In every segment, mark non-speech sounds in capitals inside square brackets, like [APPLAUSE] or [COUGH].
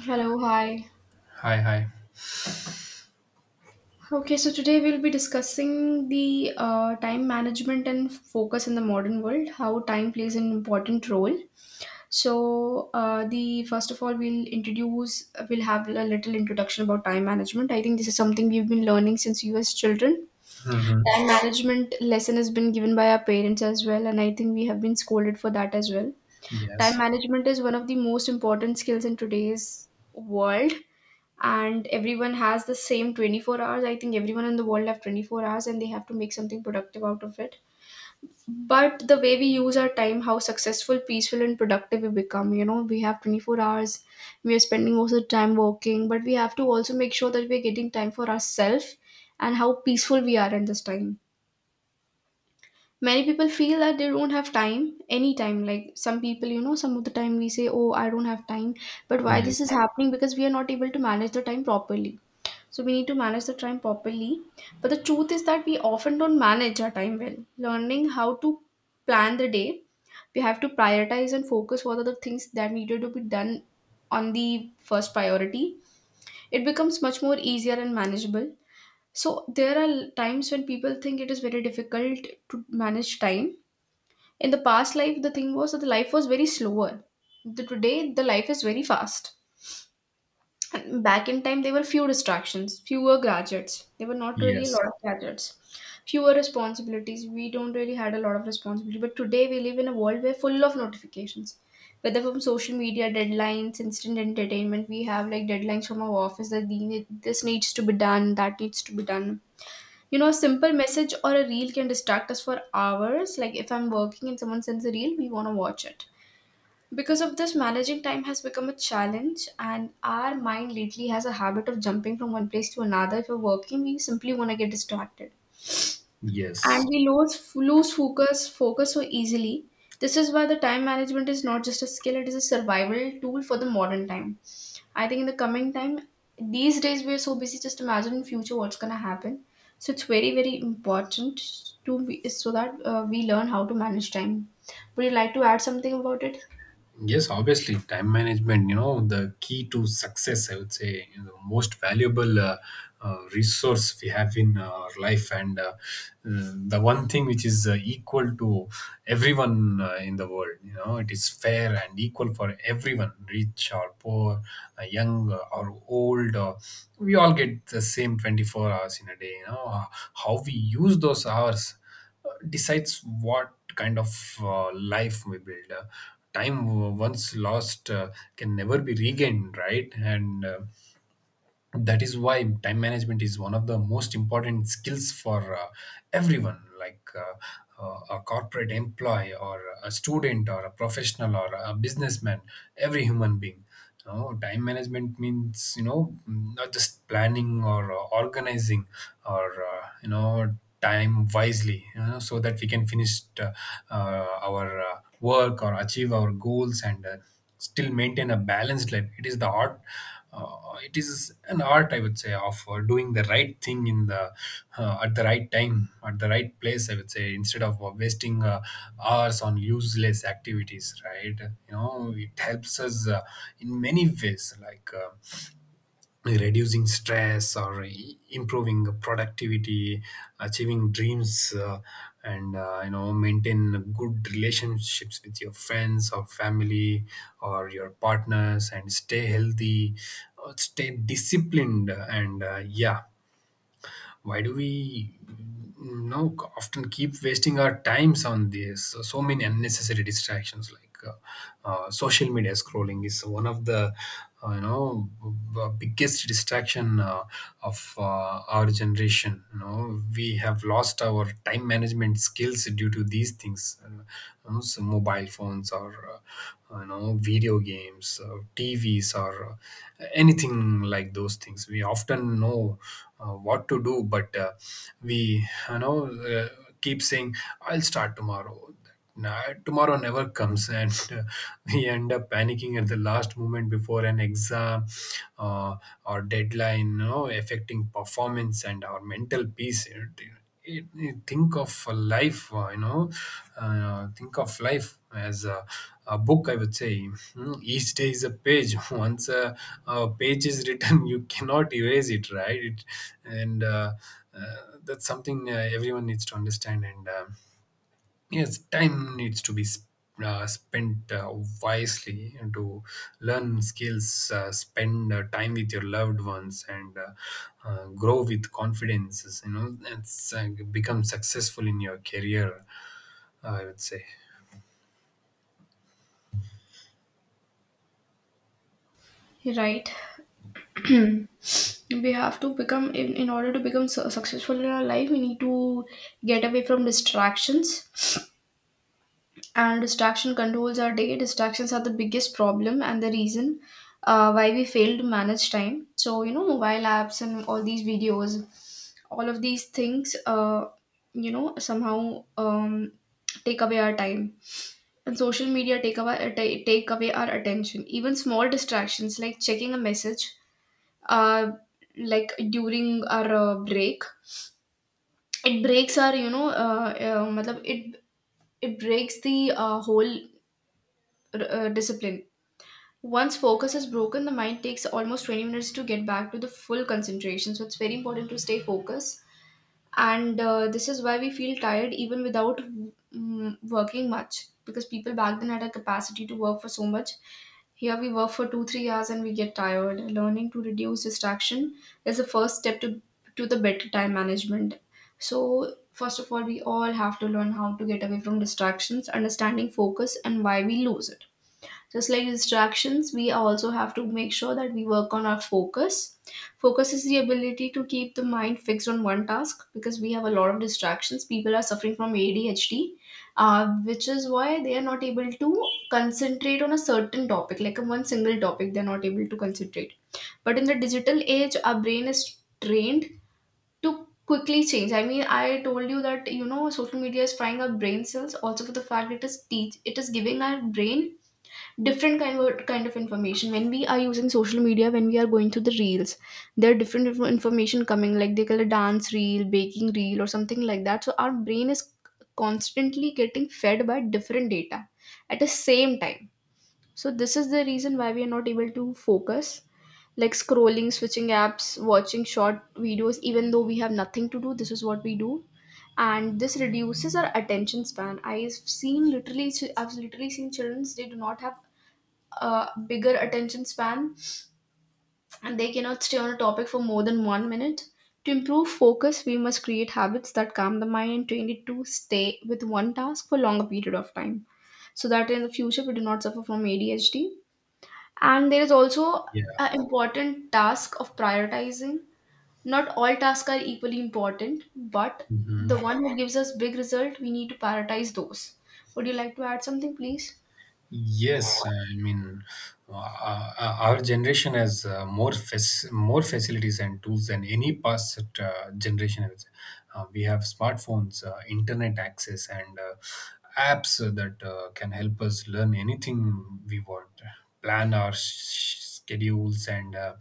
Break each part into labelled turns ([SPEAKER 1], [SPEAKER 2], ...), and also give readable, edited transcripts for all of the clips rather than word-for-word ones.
[SPEAKER 1] Hello, hi.
[SPEAKER 2] Hi, hi.
[SPEAKER 1] Okay, so today we'll be discussing the time management and focus in the modern world, how time plays an important role. The first of all, we'll have a little introduction about time management. I think this is something we've been learning since we were children.
[SPEAKER 2] hmm
[SPEAKER 1] Time management lesson has been given by our parents as well, and I think we have been scolded for that as well. Time
[SPEAKER 2] Yes,
[SPEAKER 1] management is one of the most important skills in today's world, and everyone has the same 24 hours. I think everyone in the world have 24 hours and they have to make something productive out of it. But the way we use our time, how successful, peaceful and productive we become, we have 24 hours. We are spending most of the time working, but we have to also make sure that we're getting time for ourselves and how peaceful we are in this time. Many people feel that they don't have time anytime. Like some people, some of the time we say, oh, I don't have time. But why this
[SPEAKER 2] yes,
[SPEAKER 1] is happening? Because we are not able to manage the time properly, so we need to manage the time properly. But the truth is that we often don't manage our time well. Learning how to plan the day, we have to prioritize and focus what are the things that needed to be done on the first priority. It becomes much more easier and manageable. So there are times when people think it is very difficult to manage time. In the past life, the thing was that the life was very slower. Today, the life is very fast, and back in time, there were few distractions, fewer graduates. There were not really a
[SPEAKER 2] yes,
[SPEAKER 1] lot of graduates, fewer responsibilities. We don't really had a lot of responsibility. But today, we live in a world where full of notifications, whether from social media, deadlines, instant entertainment. We have like deadlines from our office that this needs to be done, that needs to be done. You know, a simple message or a reel can distract us for hours. Like if I'm working and someone sends a reel, we want to watch it. Because of this, managing time has become a challenge, and our mind lately has a habit of jumping from one place to another. If we're working, we simply want to get distracted, and
[SPEAKER 2] yes.
[SPEAKER 1] we lose focus so easily. This is why the time management is not just a skill; it is a survival tool for the modern time. I think in the coming time, these days we are so busy. Just imagine in future what's gonna happen. So it's very very important to be, so that we learn how to manage time. Would you like to add something about it?
[SPEAKER 2] Yes, obviously, time management, you know, the key to success, I would say, you know, the most valuable resource we have in our life, and the one thing which is equal to everyone in the world. You know, it is fair and equal for everyone, rich or poor, young or old, or we all get the same 24 hours in a day. You know, how we use those hours decides what kind of life we build. Time once lost can never be regained, right? And That is why time management is one of the most important skills for everyone, like a corporate employee or a student or a professional or a businessman, every human being. You know, time management means, you know, not just planning or organizing or you know, time wisely, you know, so that we can finish our work or achieve our goals, and still maintain a balanced life. It is the art, it is an art, I would say, of doing the right thing in the at the right time at the right place, I would say, instead of wasting hours on useless activities, right? You know, it helps us in many ways, like reducing stress or improving productivity, achieving dreams, and you know, maintain good relationships with your friends or family or your partners, and stay healthy, stay disciplined, and yeah. Why do we, you know, often keep wasting our times on this so, so many unnecessary distractions, like social media scrolling is one of the you know, biggest distraction of our generation. You know, we have lost our time management skills due to these things. You know, so mobile iPhones or you know, video games, TVs, or anything like those things. We often know what to do, but we you know uh, keep saying, "I'll start tomorrow." Nah, tomorrow never comes, and [LAUGHS] uh, we end up panicking at the last moment before an exam uh, or deadline, you know, affecting performance and our mental peace. Think of a life, think of life as a book, I would say. Hmm. Each day is a page. [LAUGHS] Once a page is written, [LAUGHS] you cannot erase it, right? It, and uh, that's something everyone needs to understand. And Yes, time needs to be spent wisely to learn skills, spend time with your loved ones, and grow with confidence. You know, it's become successful in your career, I would say.
[SPEAKER 1] Right. [CLEARS THROAT] We have to become in order to become successful in our life. We need to get away from distractions, and distraction controls our day. Distractions are the biggest problem and the reason why we fail to manage time. So you know, mobile apps and all these videos, all of these things, you know, somehow take away our time, and social media take away, take away our attention. Even small distractions like checking a message uh, like during our break, it breaks our matlab, it breaks the whole discipline. Once focus is broken, the mind takes almost 20 minutes to get back to the full concentration, so it's very important to stay focused. And this is why we feel tired even without working much, because people back then had a capacity to work for so much. Here we work for 2, 3 hours and we get tired. Learning to reduce distraction is the first step to the better time management. So first of all, we all have to learn how to get away from distractions, understanding focus and why we lose it. Just like distractions, we also have to make sure that we work on our focus. Focus is the ability to keep the mind fixed on one task, because we have a lot of distractions. People are suffering from ADHD, which is why they are not able to concentrate on a certain topic. Like a one single topic, they're not able to concentrate. But in the digital age, our brain is trained to quickly change. I mean, I told you that, you know, social media is frying our brain cells. Also for the fact, it is teach, it is giving our brain different kind of information. When we are using social media, when we are going through the reels, there are different information coming, like they call a dance reel, baking reel or something like that. So our brain is constantly getting fed by different data at the same time. So this is the reason why we are not able to focus, like scrolling, switching apps, watching short videos, even though we have nothing to do. This is what we do, and this reduces our attention span. I've seen literally, I've literally seen children, they do not have bigger attention span, and they cannot stay on a topic for more than 1 minute. To improve focus, we must create habits that calm the mind and train it to stay with one task for longer period of time, so that in the future we do not suffer from ADHD. And there is also
[SPEAKER 2] Yeah.
[SPEAKER 1] an important task of prioritizing. Not all tasks are equally important, but the
[SPEAKER 2] Mhm.
[SPEAKER 1] one who gives us big result, we need to prioritize those. Would you like to add something, please?
[SPEAKER 2] Yes, I mean, our generation has more facilities and tools than any past generation, I would say. We have smartphones, internet access, and apps that can help us learn anything we want, plan our schedules, and uh,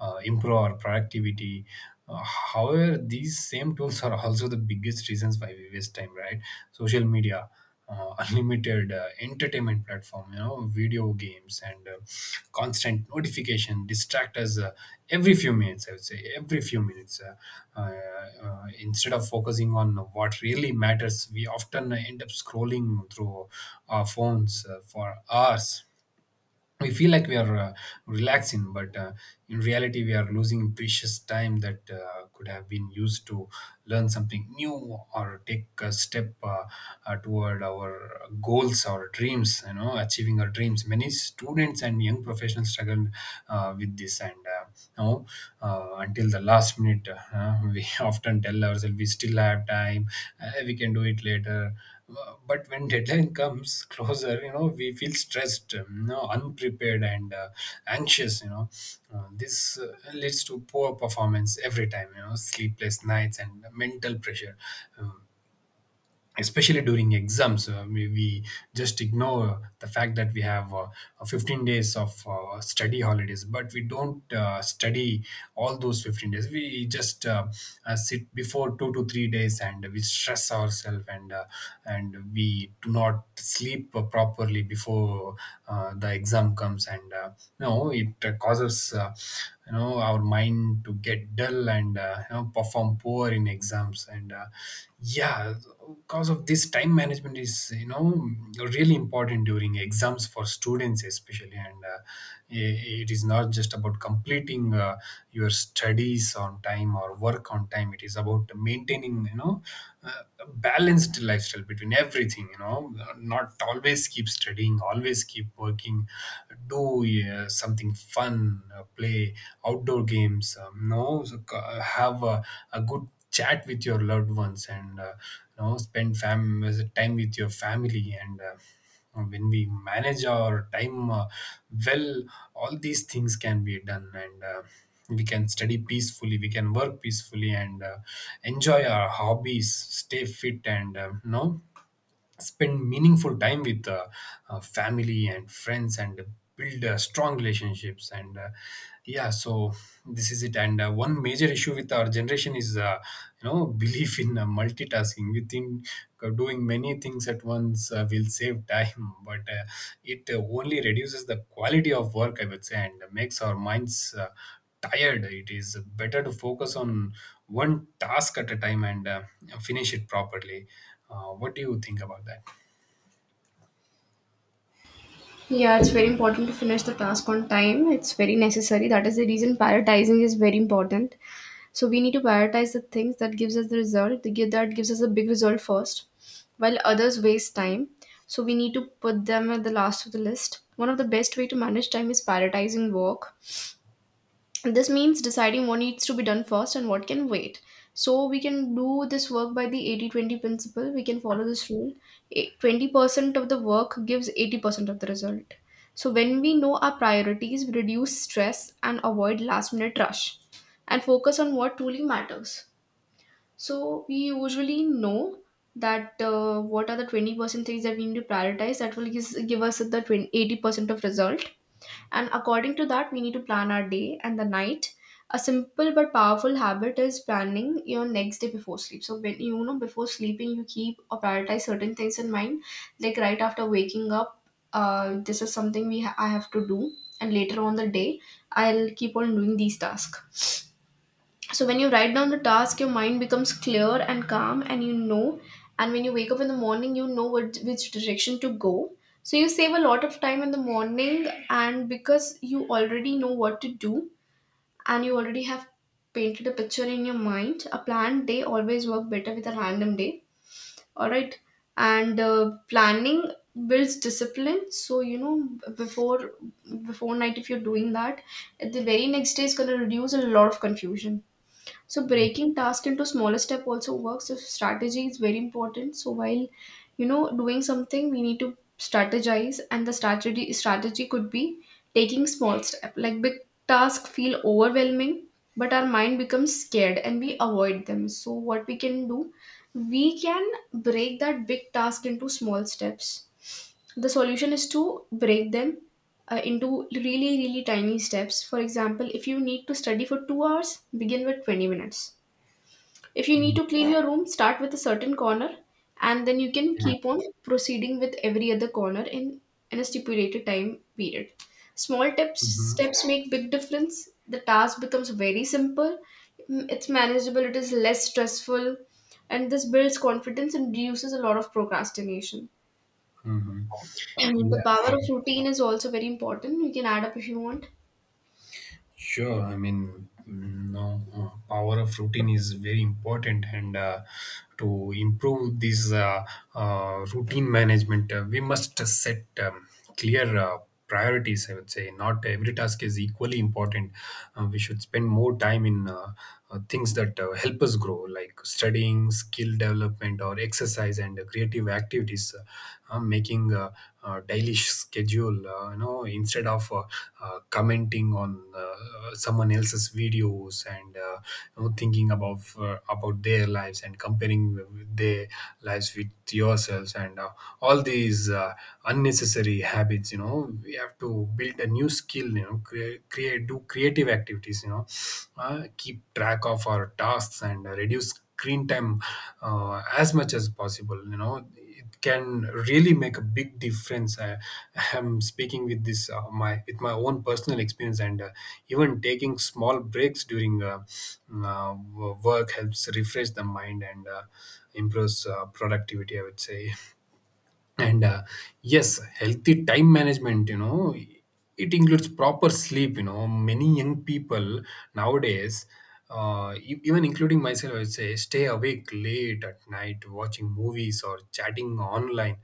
[SPEAKER 2] uh, improve our productivity. However, these same tools are also the biggest reasons why we waste time, right? Social media, [LAUGHS] unlimited entertainment platform, you know, video games, and constant notification distract us every few minutes, I would say, every few minutes. Instead of focusing on what really matters, we often end up scrolling through our phones for hours. We feel like we are relaxing, but in reality, we are losing precious time that could have been used to learn something new or take a step toward our goals or dreams, you know, achieving our dreams. Many students and young professionals struggle with this, and you know, until the last minute we [LAUGHS] often tell ourselves we still have time, we can do it later, but when deadline comes [LAUGHS] closer, you know, we feel stressed, you know, unprepared, and anxious. You know, this leads to poor performance every time, you know, sleepless nights and mental pressure. Um, Especially during exams, we just ignore the fact that we have 15 days of study holidays, but we don't study all those 15 days. We just sit before 2 to 3 days and we stress ourselves, and we do not sleep properly before the exam comes, and no, it causes, you know, our mind to get dull, and you know, perform poor in exams, and yeah. Because of this, time management is, you know, really important during exams for students especially, and it is not just about completing your studies on time or work on time. It is about maintaining, you know, a balanced lifestyle between everything, you know, not always keep studying, always keep working, working. Do something fun, play outdoor games, no, so, have a good chat with your loved ones, and you know, spend time with your family, and when we manage our time, well, all these things can be done, and we can study peacefully, we can work peacefully, and enjoy our hobbies, stay fit, and no, spend meaningful time with family and friends, and build strong relationships, and yeah. So this is it, and one major issue with our generation is, you know, [LAUGHS] belief in multitasking. We think doing many things at once will save time, [LAUGHS] but it only reduces the quality of work, I would say, and makes our minds tired. It is better to focus on one task at a time and finish it properly. What do you think about that?
[SPEAKER 1] Yeah, it's very important to finish the task on time. It's very necessary. That is the reason prioritizing is very important. So we need to prioritize the things that gives us the result, that gives us a big result first, while others waste time. So we need to put them at the last of the list. One of the best way to manage time is prioritizing work. This means deciding what needs to be done first and what can wait. So we can do this work by the 80-20 principle. We can follow this rule. Eh, 20% of the work gives 80% of the result. So when we know our priorities, we reduce stress and avoid last minute rush, and focus on what truly matters. So we usually know that what are the 20% things that we need to prioritize, that will give us the 20, 80% of result. And according to that, we need to plan our day and the night. A simple but powerful habit is planning your next day before sleep. So when you know, before sleeping, you keep or prioritize certain things in mind, like right after waking up, this is something I have to do, and later on the day I'll keep on doing these tasks. So when you write down the task, your mind becomes clear and calm, and you know. And when you wake up in the morning, you know what, which direction to go. So you save a lot of time in the morning, and because you already know what to do, and you already have painted a picture in your mind, a planned day always work better with a random day. All right, and planning builds discipline. So you know, b- before before night, if you're doing that, the very next day is gonna reduce a lot of confusion. So breaking task into smaller step also works. So strategy is very important. So while you know, doing something, we need to strategize, and the strategy could be taking small step. Like big task feel overwhelming, but our mind becomes scared and we avoid them. So what we can do, we can break that big task into small steps. The solution is to break them into really tiny steps. For example, if you need to study for 2 hours, begin with 20 minutes. If you need
[SPEAKER 2] Mm.
[SPEAKER 1] to clean your room, start with a certain corner, and then you can
[SPEAKER 2] Yeah.
[SPEAKER 1] keep on proceeding with every other corner in a stipulated time period. Small tips,
[SPEAKER 2] hmm
[SPEAKER 1] steps make big difference. The task becomes very simple, it's manageable, it is less stressful, and this builds confidence and reduces a lot of procrastination.
[SPEAKER 2] hmm
[SPEAKER 1] And the
[SPEAKER 2] Yeah.
[SPEAKER 1] power of routine is also very important. You can add up if you want.
[SPEAKER 2] Sure. I mean, no, power of routine is very important, and to improve this routine management, we must set clear priorities, I would say. Not every task is equally important. We should spend more time in things that help us grow, like studying, skill development, or exercise and creative activities. Making a daily schedule, you know, instead of commenting on someone else's videos, and you know, thinking about their lives and comparing their lives with yourselves, and all these unnecessary habits. You know, we have to build a new skill, you know, create, do creative activities, you know, keep track of our tasks, and reduce screen time as much as possible. You know, it can really make a big difference. I am speaking with this, my with my own personal experience, and even taking small breaks during work helps refresh the mind and improves productivity, I would say. And Yes, healthy time management, you know, it includes proper sleep. You know, many young people nowadays, even including myself, I would say, stay awake late at night watching movies or chatting online,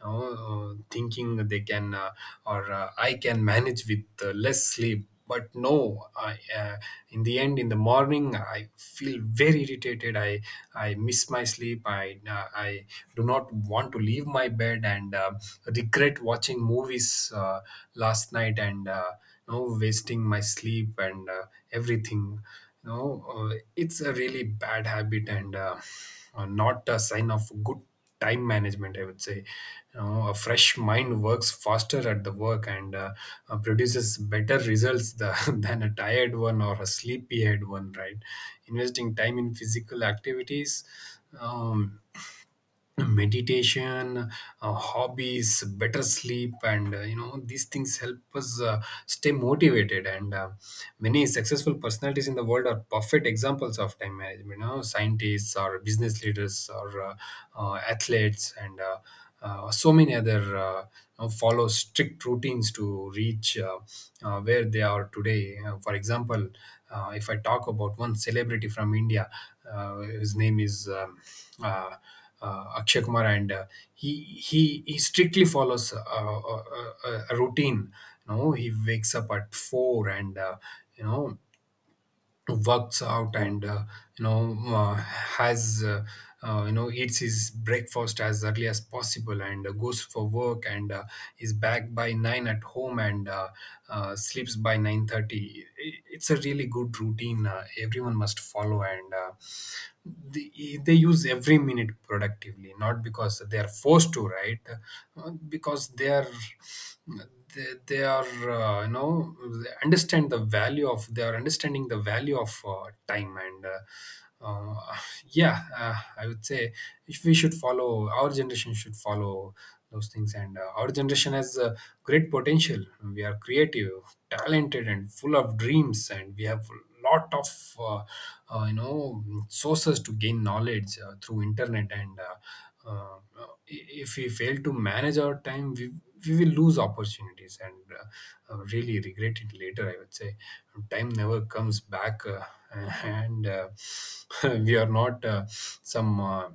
[SPEAKER 2] you know, thinking they can, or "I can manage with less sleep." But no, in the end, in the morning, I feel very irritated. I miss my sleep. I do not want to leave my bed, and regret watching movies last night, and you know, wasting my sleep, and everything. You know, it's a really bad habit, and not a sign of good time management, I would say. You know, a fresh mind works faster at the work and produces better results, [LAUGHS] than a tired one or a sleepy head one, right? Investing time in physical activities, um, meditation, hobbies, better sleep, and you know, these things help us stay motivated, and many successful personalities in the world are perfect examples of time management. You know, scientists or business leaders or athletes, and so many other, you know, follow strict routines to reach where they are today. For example, if I talk about one celebrity from India, his name is, uh, Akshay Kumar, and he strictly follows a routine. You know, he wakes up at four and you know works out and you know has you know eats his breakfast as early as possible and goes for work and is back by 9 at home and sleeps by 9:30. It's a really good routine everyone must follow, and they use every minute productively, not because they are forced to, right? Because they are you know they understand the value of they are understanding the value of time, and uh, yeah. I would say if we should follow our generation should follow those things, and our generation has great potential. We are creative, talented and full of dreams, and we have lot of sources to gain knowledge through internet, and if we fail to manage our time we will lose opportunities, and uh, really regret it later, I would say. Time never comes back, [LAUGHS] and [LAUGHS] we are not some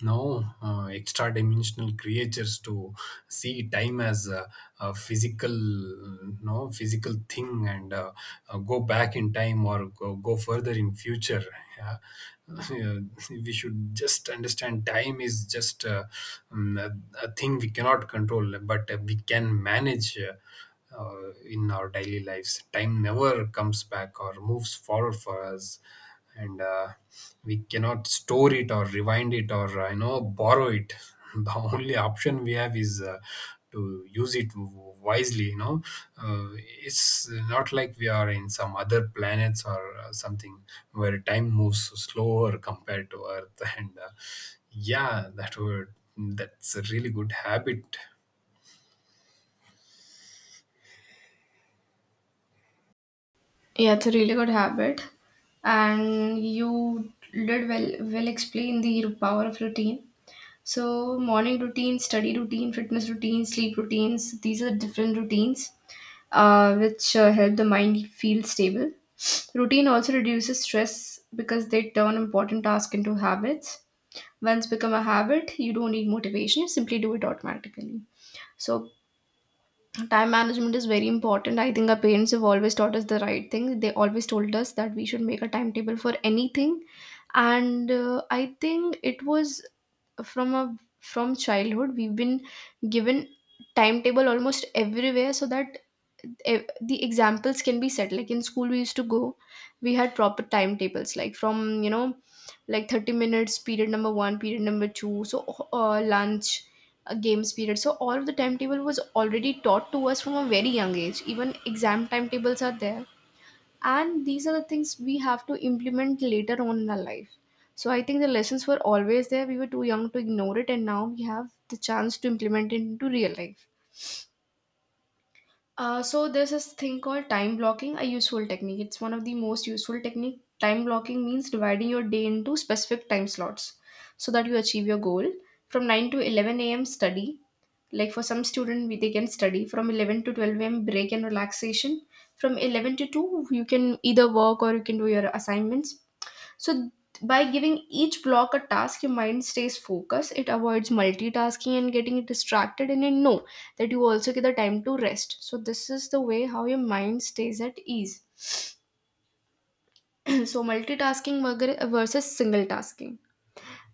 [SPEAKER 2] no extra dimensional creatures to see time as a physical no physical thing, and go back in time or go further in future. Yeah. Yeah, we should just understand time is just um, a, a thing we cannot control, but we can manage in our daily lives. Time never comes back or moves forward for us, and we cannot store it or rewind it or borrow it. [LAUGHS] The only option we have is to use it wisely, you know. uh, it's not like we are in some other planets or something where time moves slower compared to earth. [LAUGHS] And yeah, that's a really good habit.
[SPEAKER 1] Yeah, it's a really good habit, and you did well. Well, explain the power of routine. So, morning routine, study routine, fitness routine, sleep routines. These are different routines, which help the mind feel stable. Routine also reduces stress because they turn important tasks into habits. Once become a habit, you don't need motivation. You simply do it automatically. So time management is very important. I think our parents have always taught us the right thing. They always told us that we should make a timetable for anything, and I think it was from a from childhood we've been given timetable almost everywhere. So that the examples can be set like in school we used to go, we had proper timetables like from 30 minutes, period number 1, period number 2, so lunch, a games period. So all of the timetable was already taught to us from a very young age. Even exam timetables are there. And these are the things we have to implement later on in our life. So I think the lessons were always there. We were too young to ignore it, and now we have the chance to implement it into real life. So there's this thing called time blocking, a useful technique. It's one of the most useful technique. Time blocking means dividing your day into specific time slots so that you achieve your goal. From 9 to 11 a.m. study, like for some student they can study from 11 to 12 am, break and relaxation, from 11 to 2 you can either work or you can do your assignments. So by giving each block a task, your mind stays focused, it avoids multitasking and getting distracted, and you know that you also get the time to rest. So this is the way how your mind stays at ease. [CLEARS THROAT] So multitasking versus single tasking,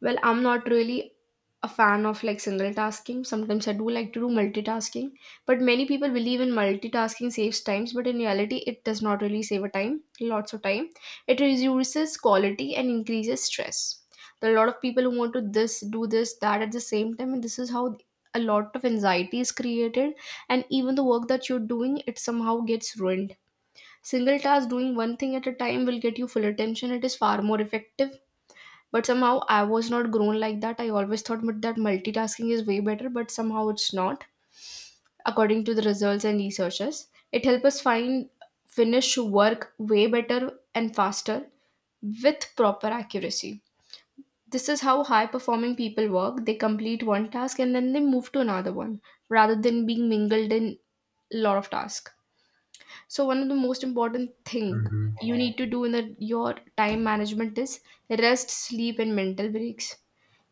[SPEAKER 1] well, I'm not really a fan of like single tasking. Sometimes I do like to do multitasking, but many people believe in multitasking saves times, but in reality, it does not really save a time, lots of time. It reduces quality and increases stress. There are a lot of people who want to this do this that at the same time, and this is how a lot of anxiety is created, and even the work that you're doing, it somehow gets ruined. Single task doing one thing at a time will get you full attention. It is far more effective, but somehow I was not grown like that. I always thought that multitasking is way better, but somehow it's not. According to the results and researches, it helps us find finish work way better and faster with proper accuracy. This is how high performing people work. They complete one task and then they move to another one rather than being mingled in a lot of tasks. So one of the most important thing
[SPEAKER 2] Mhm.
[SPEAKER 1] you need to do in your time management is rest, sleep and mental breaks.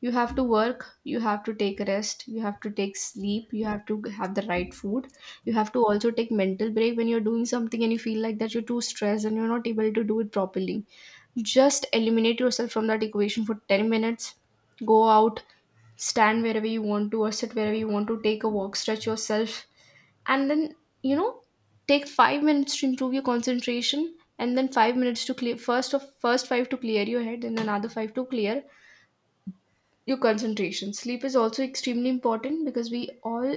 [SPEAKER 1] You have to work, you have to take rest, you have to take sleep, you have to have the right food, you have to also take mental break. When you're doing something and you feel like that you're too stressed and you're not able to do it properly, just eliminate yourself from that equation for 10 minutes. Go out, stand wherever you want to or sit wherever you want to, take a walk, stretch yourself, and then, you know, take 5 minutes to improve your concentration, and then 5 minutes to clear first 5 to clear your head and another 5 to clear your concentration. Sleep is also extremely important because we all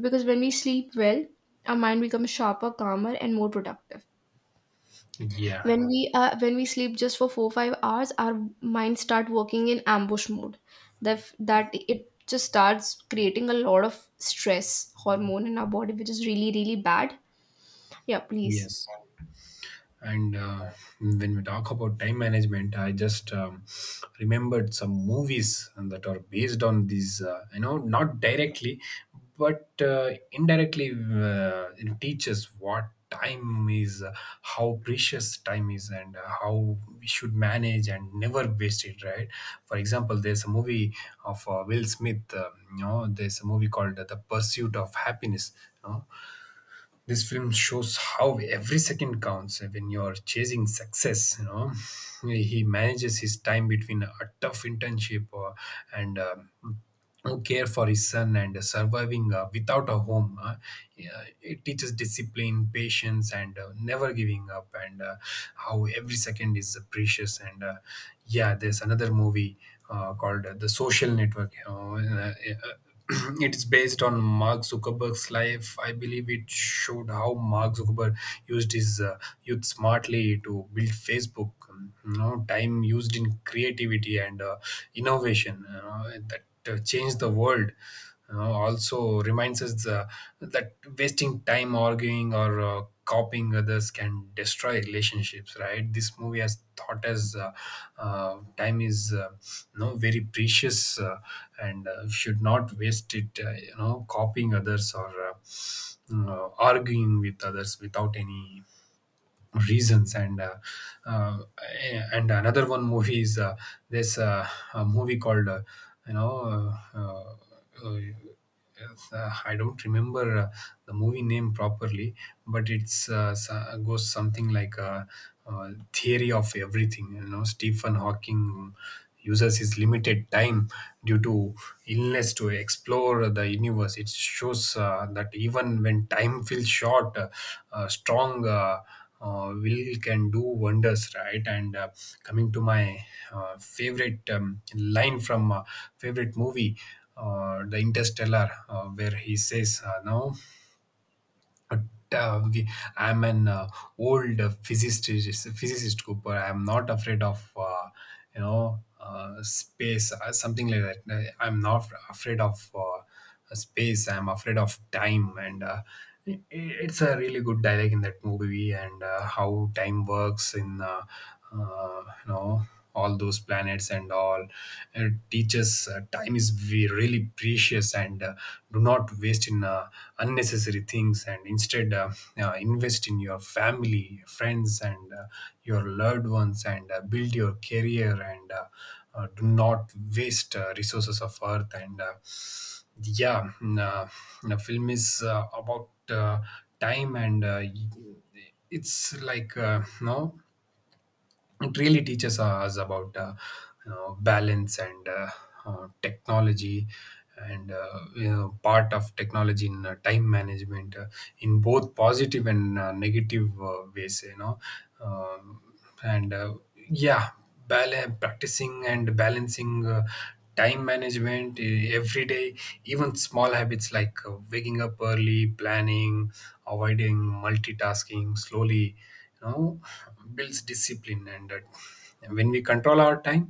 [SPEAKER 1] because when we sleep well, our mind becomes sharper, calmer, and more productive.
[SPEAKER 2] Yeah.
[SPEAKER 1] When we sleep just for 4 5 hours, our mind start working in ambush mode. That it just starts creating a lot of stress hormone in our body, which is really really bad. Yeah, please.
[SPEAKER 2] Yes. And when we talk about time management, I just remembered some movies that are based on these, you know, not directly, but indirectly it teaches what time is, how precious time is, and how we should manage and never waste it, right? For example, there's a movie of Will Smith, you know, there's a movie called The Pursuit of Happiness. This film shows how every second counts when you're chasing success, you know. He manages his time between a tough internship and care for his son and surviving without a home. Yeah, it teaches discipline, patience and never giving up, and how every second is precious, and yeah. There's another movie called The Social Network, you know. uh, [CLEARS THROAT] it's based on Mark Zuckerberg's life. I believe it showed how Mark Zuckerberg used his youth smartly to build Facebook. You know, time used in creativity and innovation, you know, that changed the world. You know, also reminds us that wasting time arguing or copying others can destroy relationships. Right? This movie has taught us time is you know, very precious, and should not waste it. You know, copying others or you know, arguing with others without any reasons, uh, and another one movie is this a movie called you know uh, uh, uh, I don't remember the movie name properly, but it's goes something like Theory of Everything. You know, Stephen Hawking uses his limited time due to illness to explore the universe. It shows that even when time feels short, strong. Will can do wonders, right? And coming to my favorite line from favorite movie, the Interstellar, where he says, "No, uh, we, I'm an old physicist, Cooper. I'm not afraid of space, something like that. I'm not afraid of space. I'm afraid of time," and it's a really good dialogue in that movie, and how time works in uh, you know all those planets and all. It teaches time is really precious, and do not waste in unnecessary things and instead invest in your family, friends and your loved ones, and build your career, and do not waste resources of earth, and yeah. The film is about time, and it's like no it really teaches us about you know, balance and technology, and you know, part of technology in time management in both positive and negative ways, you know. Um, and Yeah, practicing and balancing time management every day, even small habits like waking up early, planning, avoiding multitasking slowly, you know, builds discipline, and when we control our time,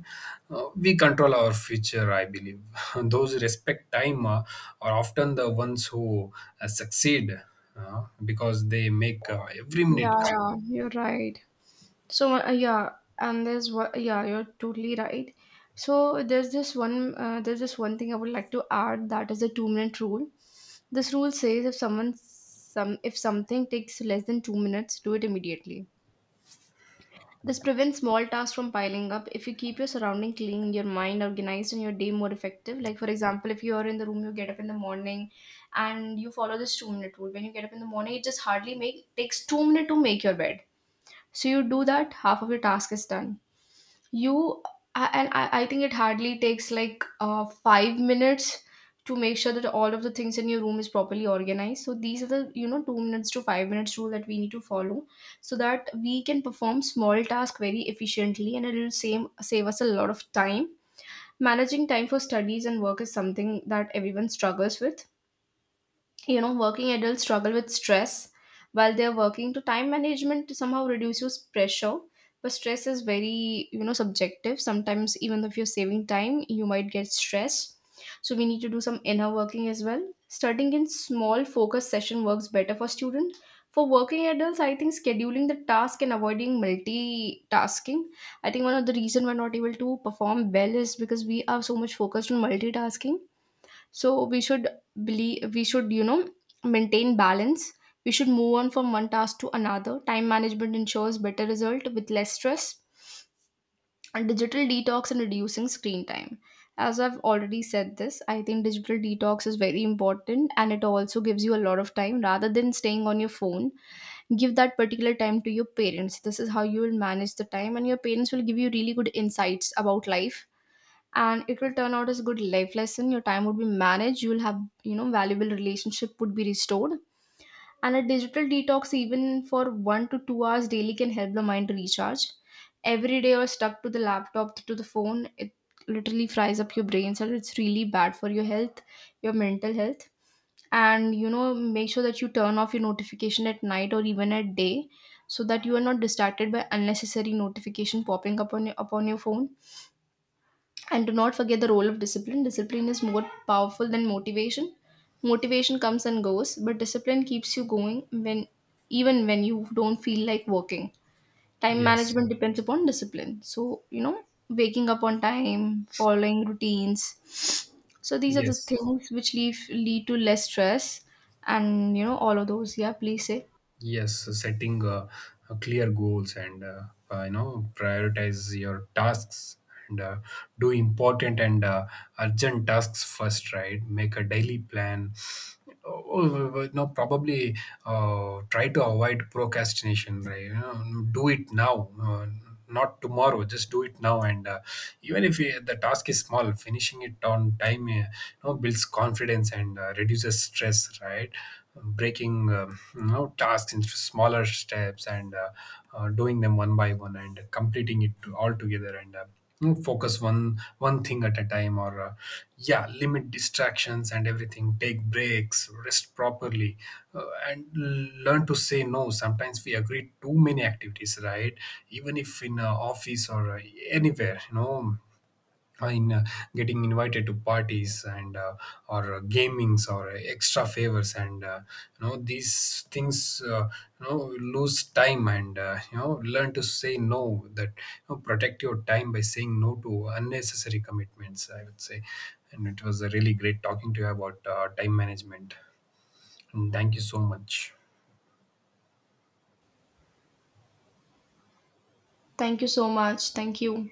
[SPEAKER 2] we control our future, I believe. [LAUGHS] Those who respect time are often the ones who succeed because they make every minute
[SPEAKER 1] Yeah,
[SPEAKER 2] count.
[SPEAKER 1] you're right. So yeah, and there's what yeah, you're totally right. So there's this one thing I would like to add, that is the 2 minute rule. This rule says if someone some if something takes less than 2 minutes, do it immediately. This prevents small tasks from piling up. If you keep your surrounding clean, your mind organized, and your day more effective. Like for example, if you are in the room, you get up in the morning, and you follow this 2 minute rule. When you get up in the morning, it just hardly make takes 2 minutes to make your bed. So you do that, half of your task is done. You I- and I, I think it hardly takes like 5 minutes to make sure that all of the things in your room is properly organized. So these are the, you know, 2 minutes to 5 minutes rule that we need to follow so that we can perform small tasks very efficiently, and it will save us a lot of time. Managing time for studies and work is something that everyone struggles with. You know, working adults struggle with stress while they're working to. Time management somehow reduces pressure, but stress is very, you know, subjective. Sometimes even if you're saving time you might get stressed, so we need to do some inner working as well. Starting in small focus session works better for students. For working adults, I think scheduling the task and avoiding multitasking. I think one of the reason we're not able to perform well is because we are so much focused on multitasking. So we should believe we should, you know, maintain balance. We should move on from one task to another. Time management ensures better result with less stress. And digital detox and reducing screen time, as I've already said this, I think digital detox is very important, and it also gives you a lot of time rather than staying on your phone. Give that particular time to your parents. This is how you will manage the time, and your parents will give you really good insights about life, and it will turn out as a good life lesson. Your time would be managed, you'll have, you know, valuable relationship would be restored. And a digital detox even for 1 to 2 hours daily can help the mind to recharge. Every day you're stuck to the laptop, to the phone, it literally fries up your brain cell. It's really bad for your health, your mental health. And you know, make sure that you turn off your notification at night or even at day, so that you are not distracted by unnecessary notification popping up on upon your phone. And do not forget the role of discipline. Discipline is more powerful than motivation. Motivation comes and goes, but discipline keeps you going when even when you don't feel like working. Time
[SPEAKER 2] Yes.
[SPEAKER 1] management depends upon discipline. So, you know, waking up on time, following routines. So these are the
[SPEAKER 2] Yes.
[SPEAKER 1] things which leave lead to less stress, and you know all of those. Yeah, please say.
[SPEAKER 2] Yes, setting clear goals, and you know, prioritize your tasks, and do important and urgent tasks first, right? Make a daily plan. Oh, no, probably try to avoid procrastination, right? You know, do it now, not tomorrow. Just do it now, and even if the task is small, finishing it on time, you know, builds confidence and reduces stress, right? Breaking you know, tasks into smaller steps, and doing them one by one and completing it all together. And focus one thing at a time, or yeah, limit distractions and everything, take breaks, rest properly, and learn to say no. Sometimes we agree too many activities, right? Even if in office or anywhere, you know, in getting invited to parties and or gamings or extra favors, and these things you know, lose time, and you know, learn to say no. That, you know, protect your time by saying no to unnecessary commitments, I would say. And it was a really great talking to you about time management. And thank you so much.
[SPEAKER 1] Thank you so much. Thank you.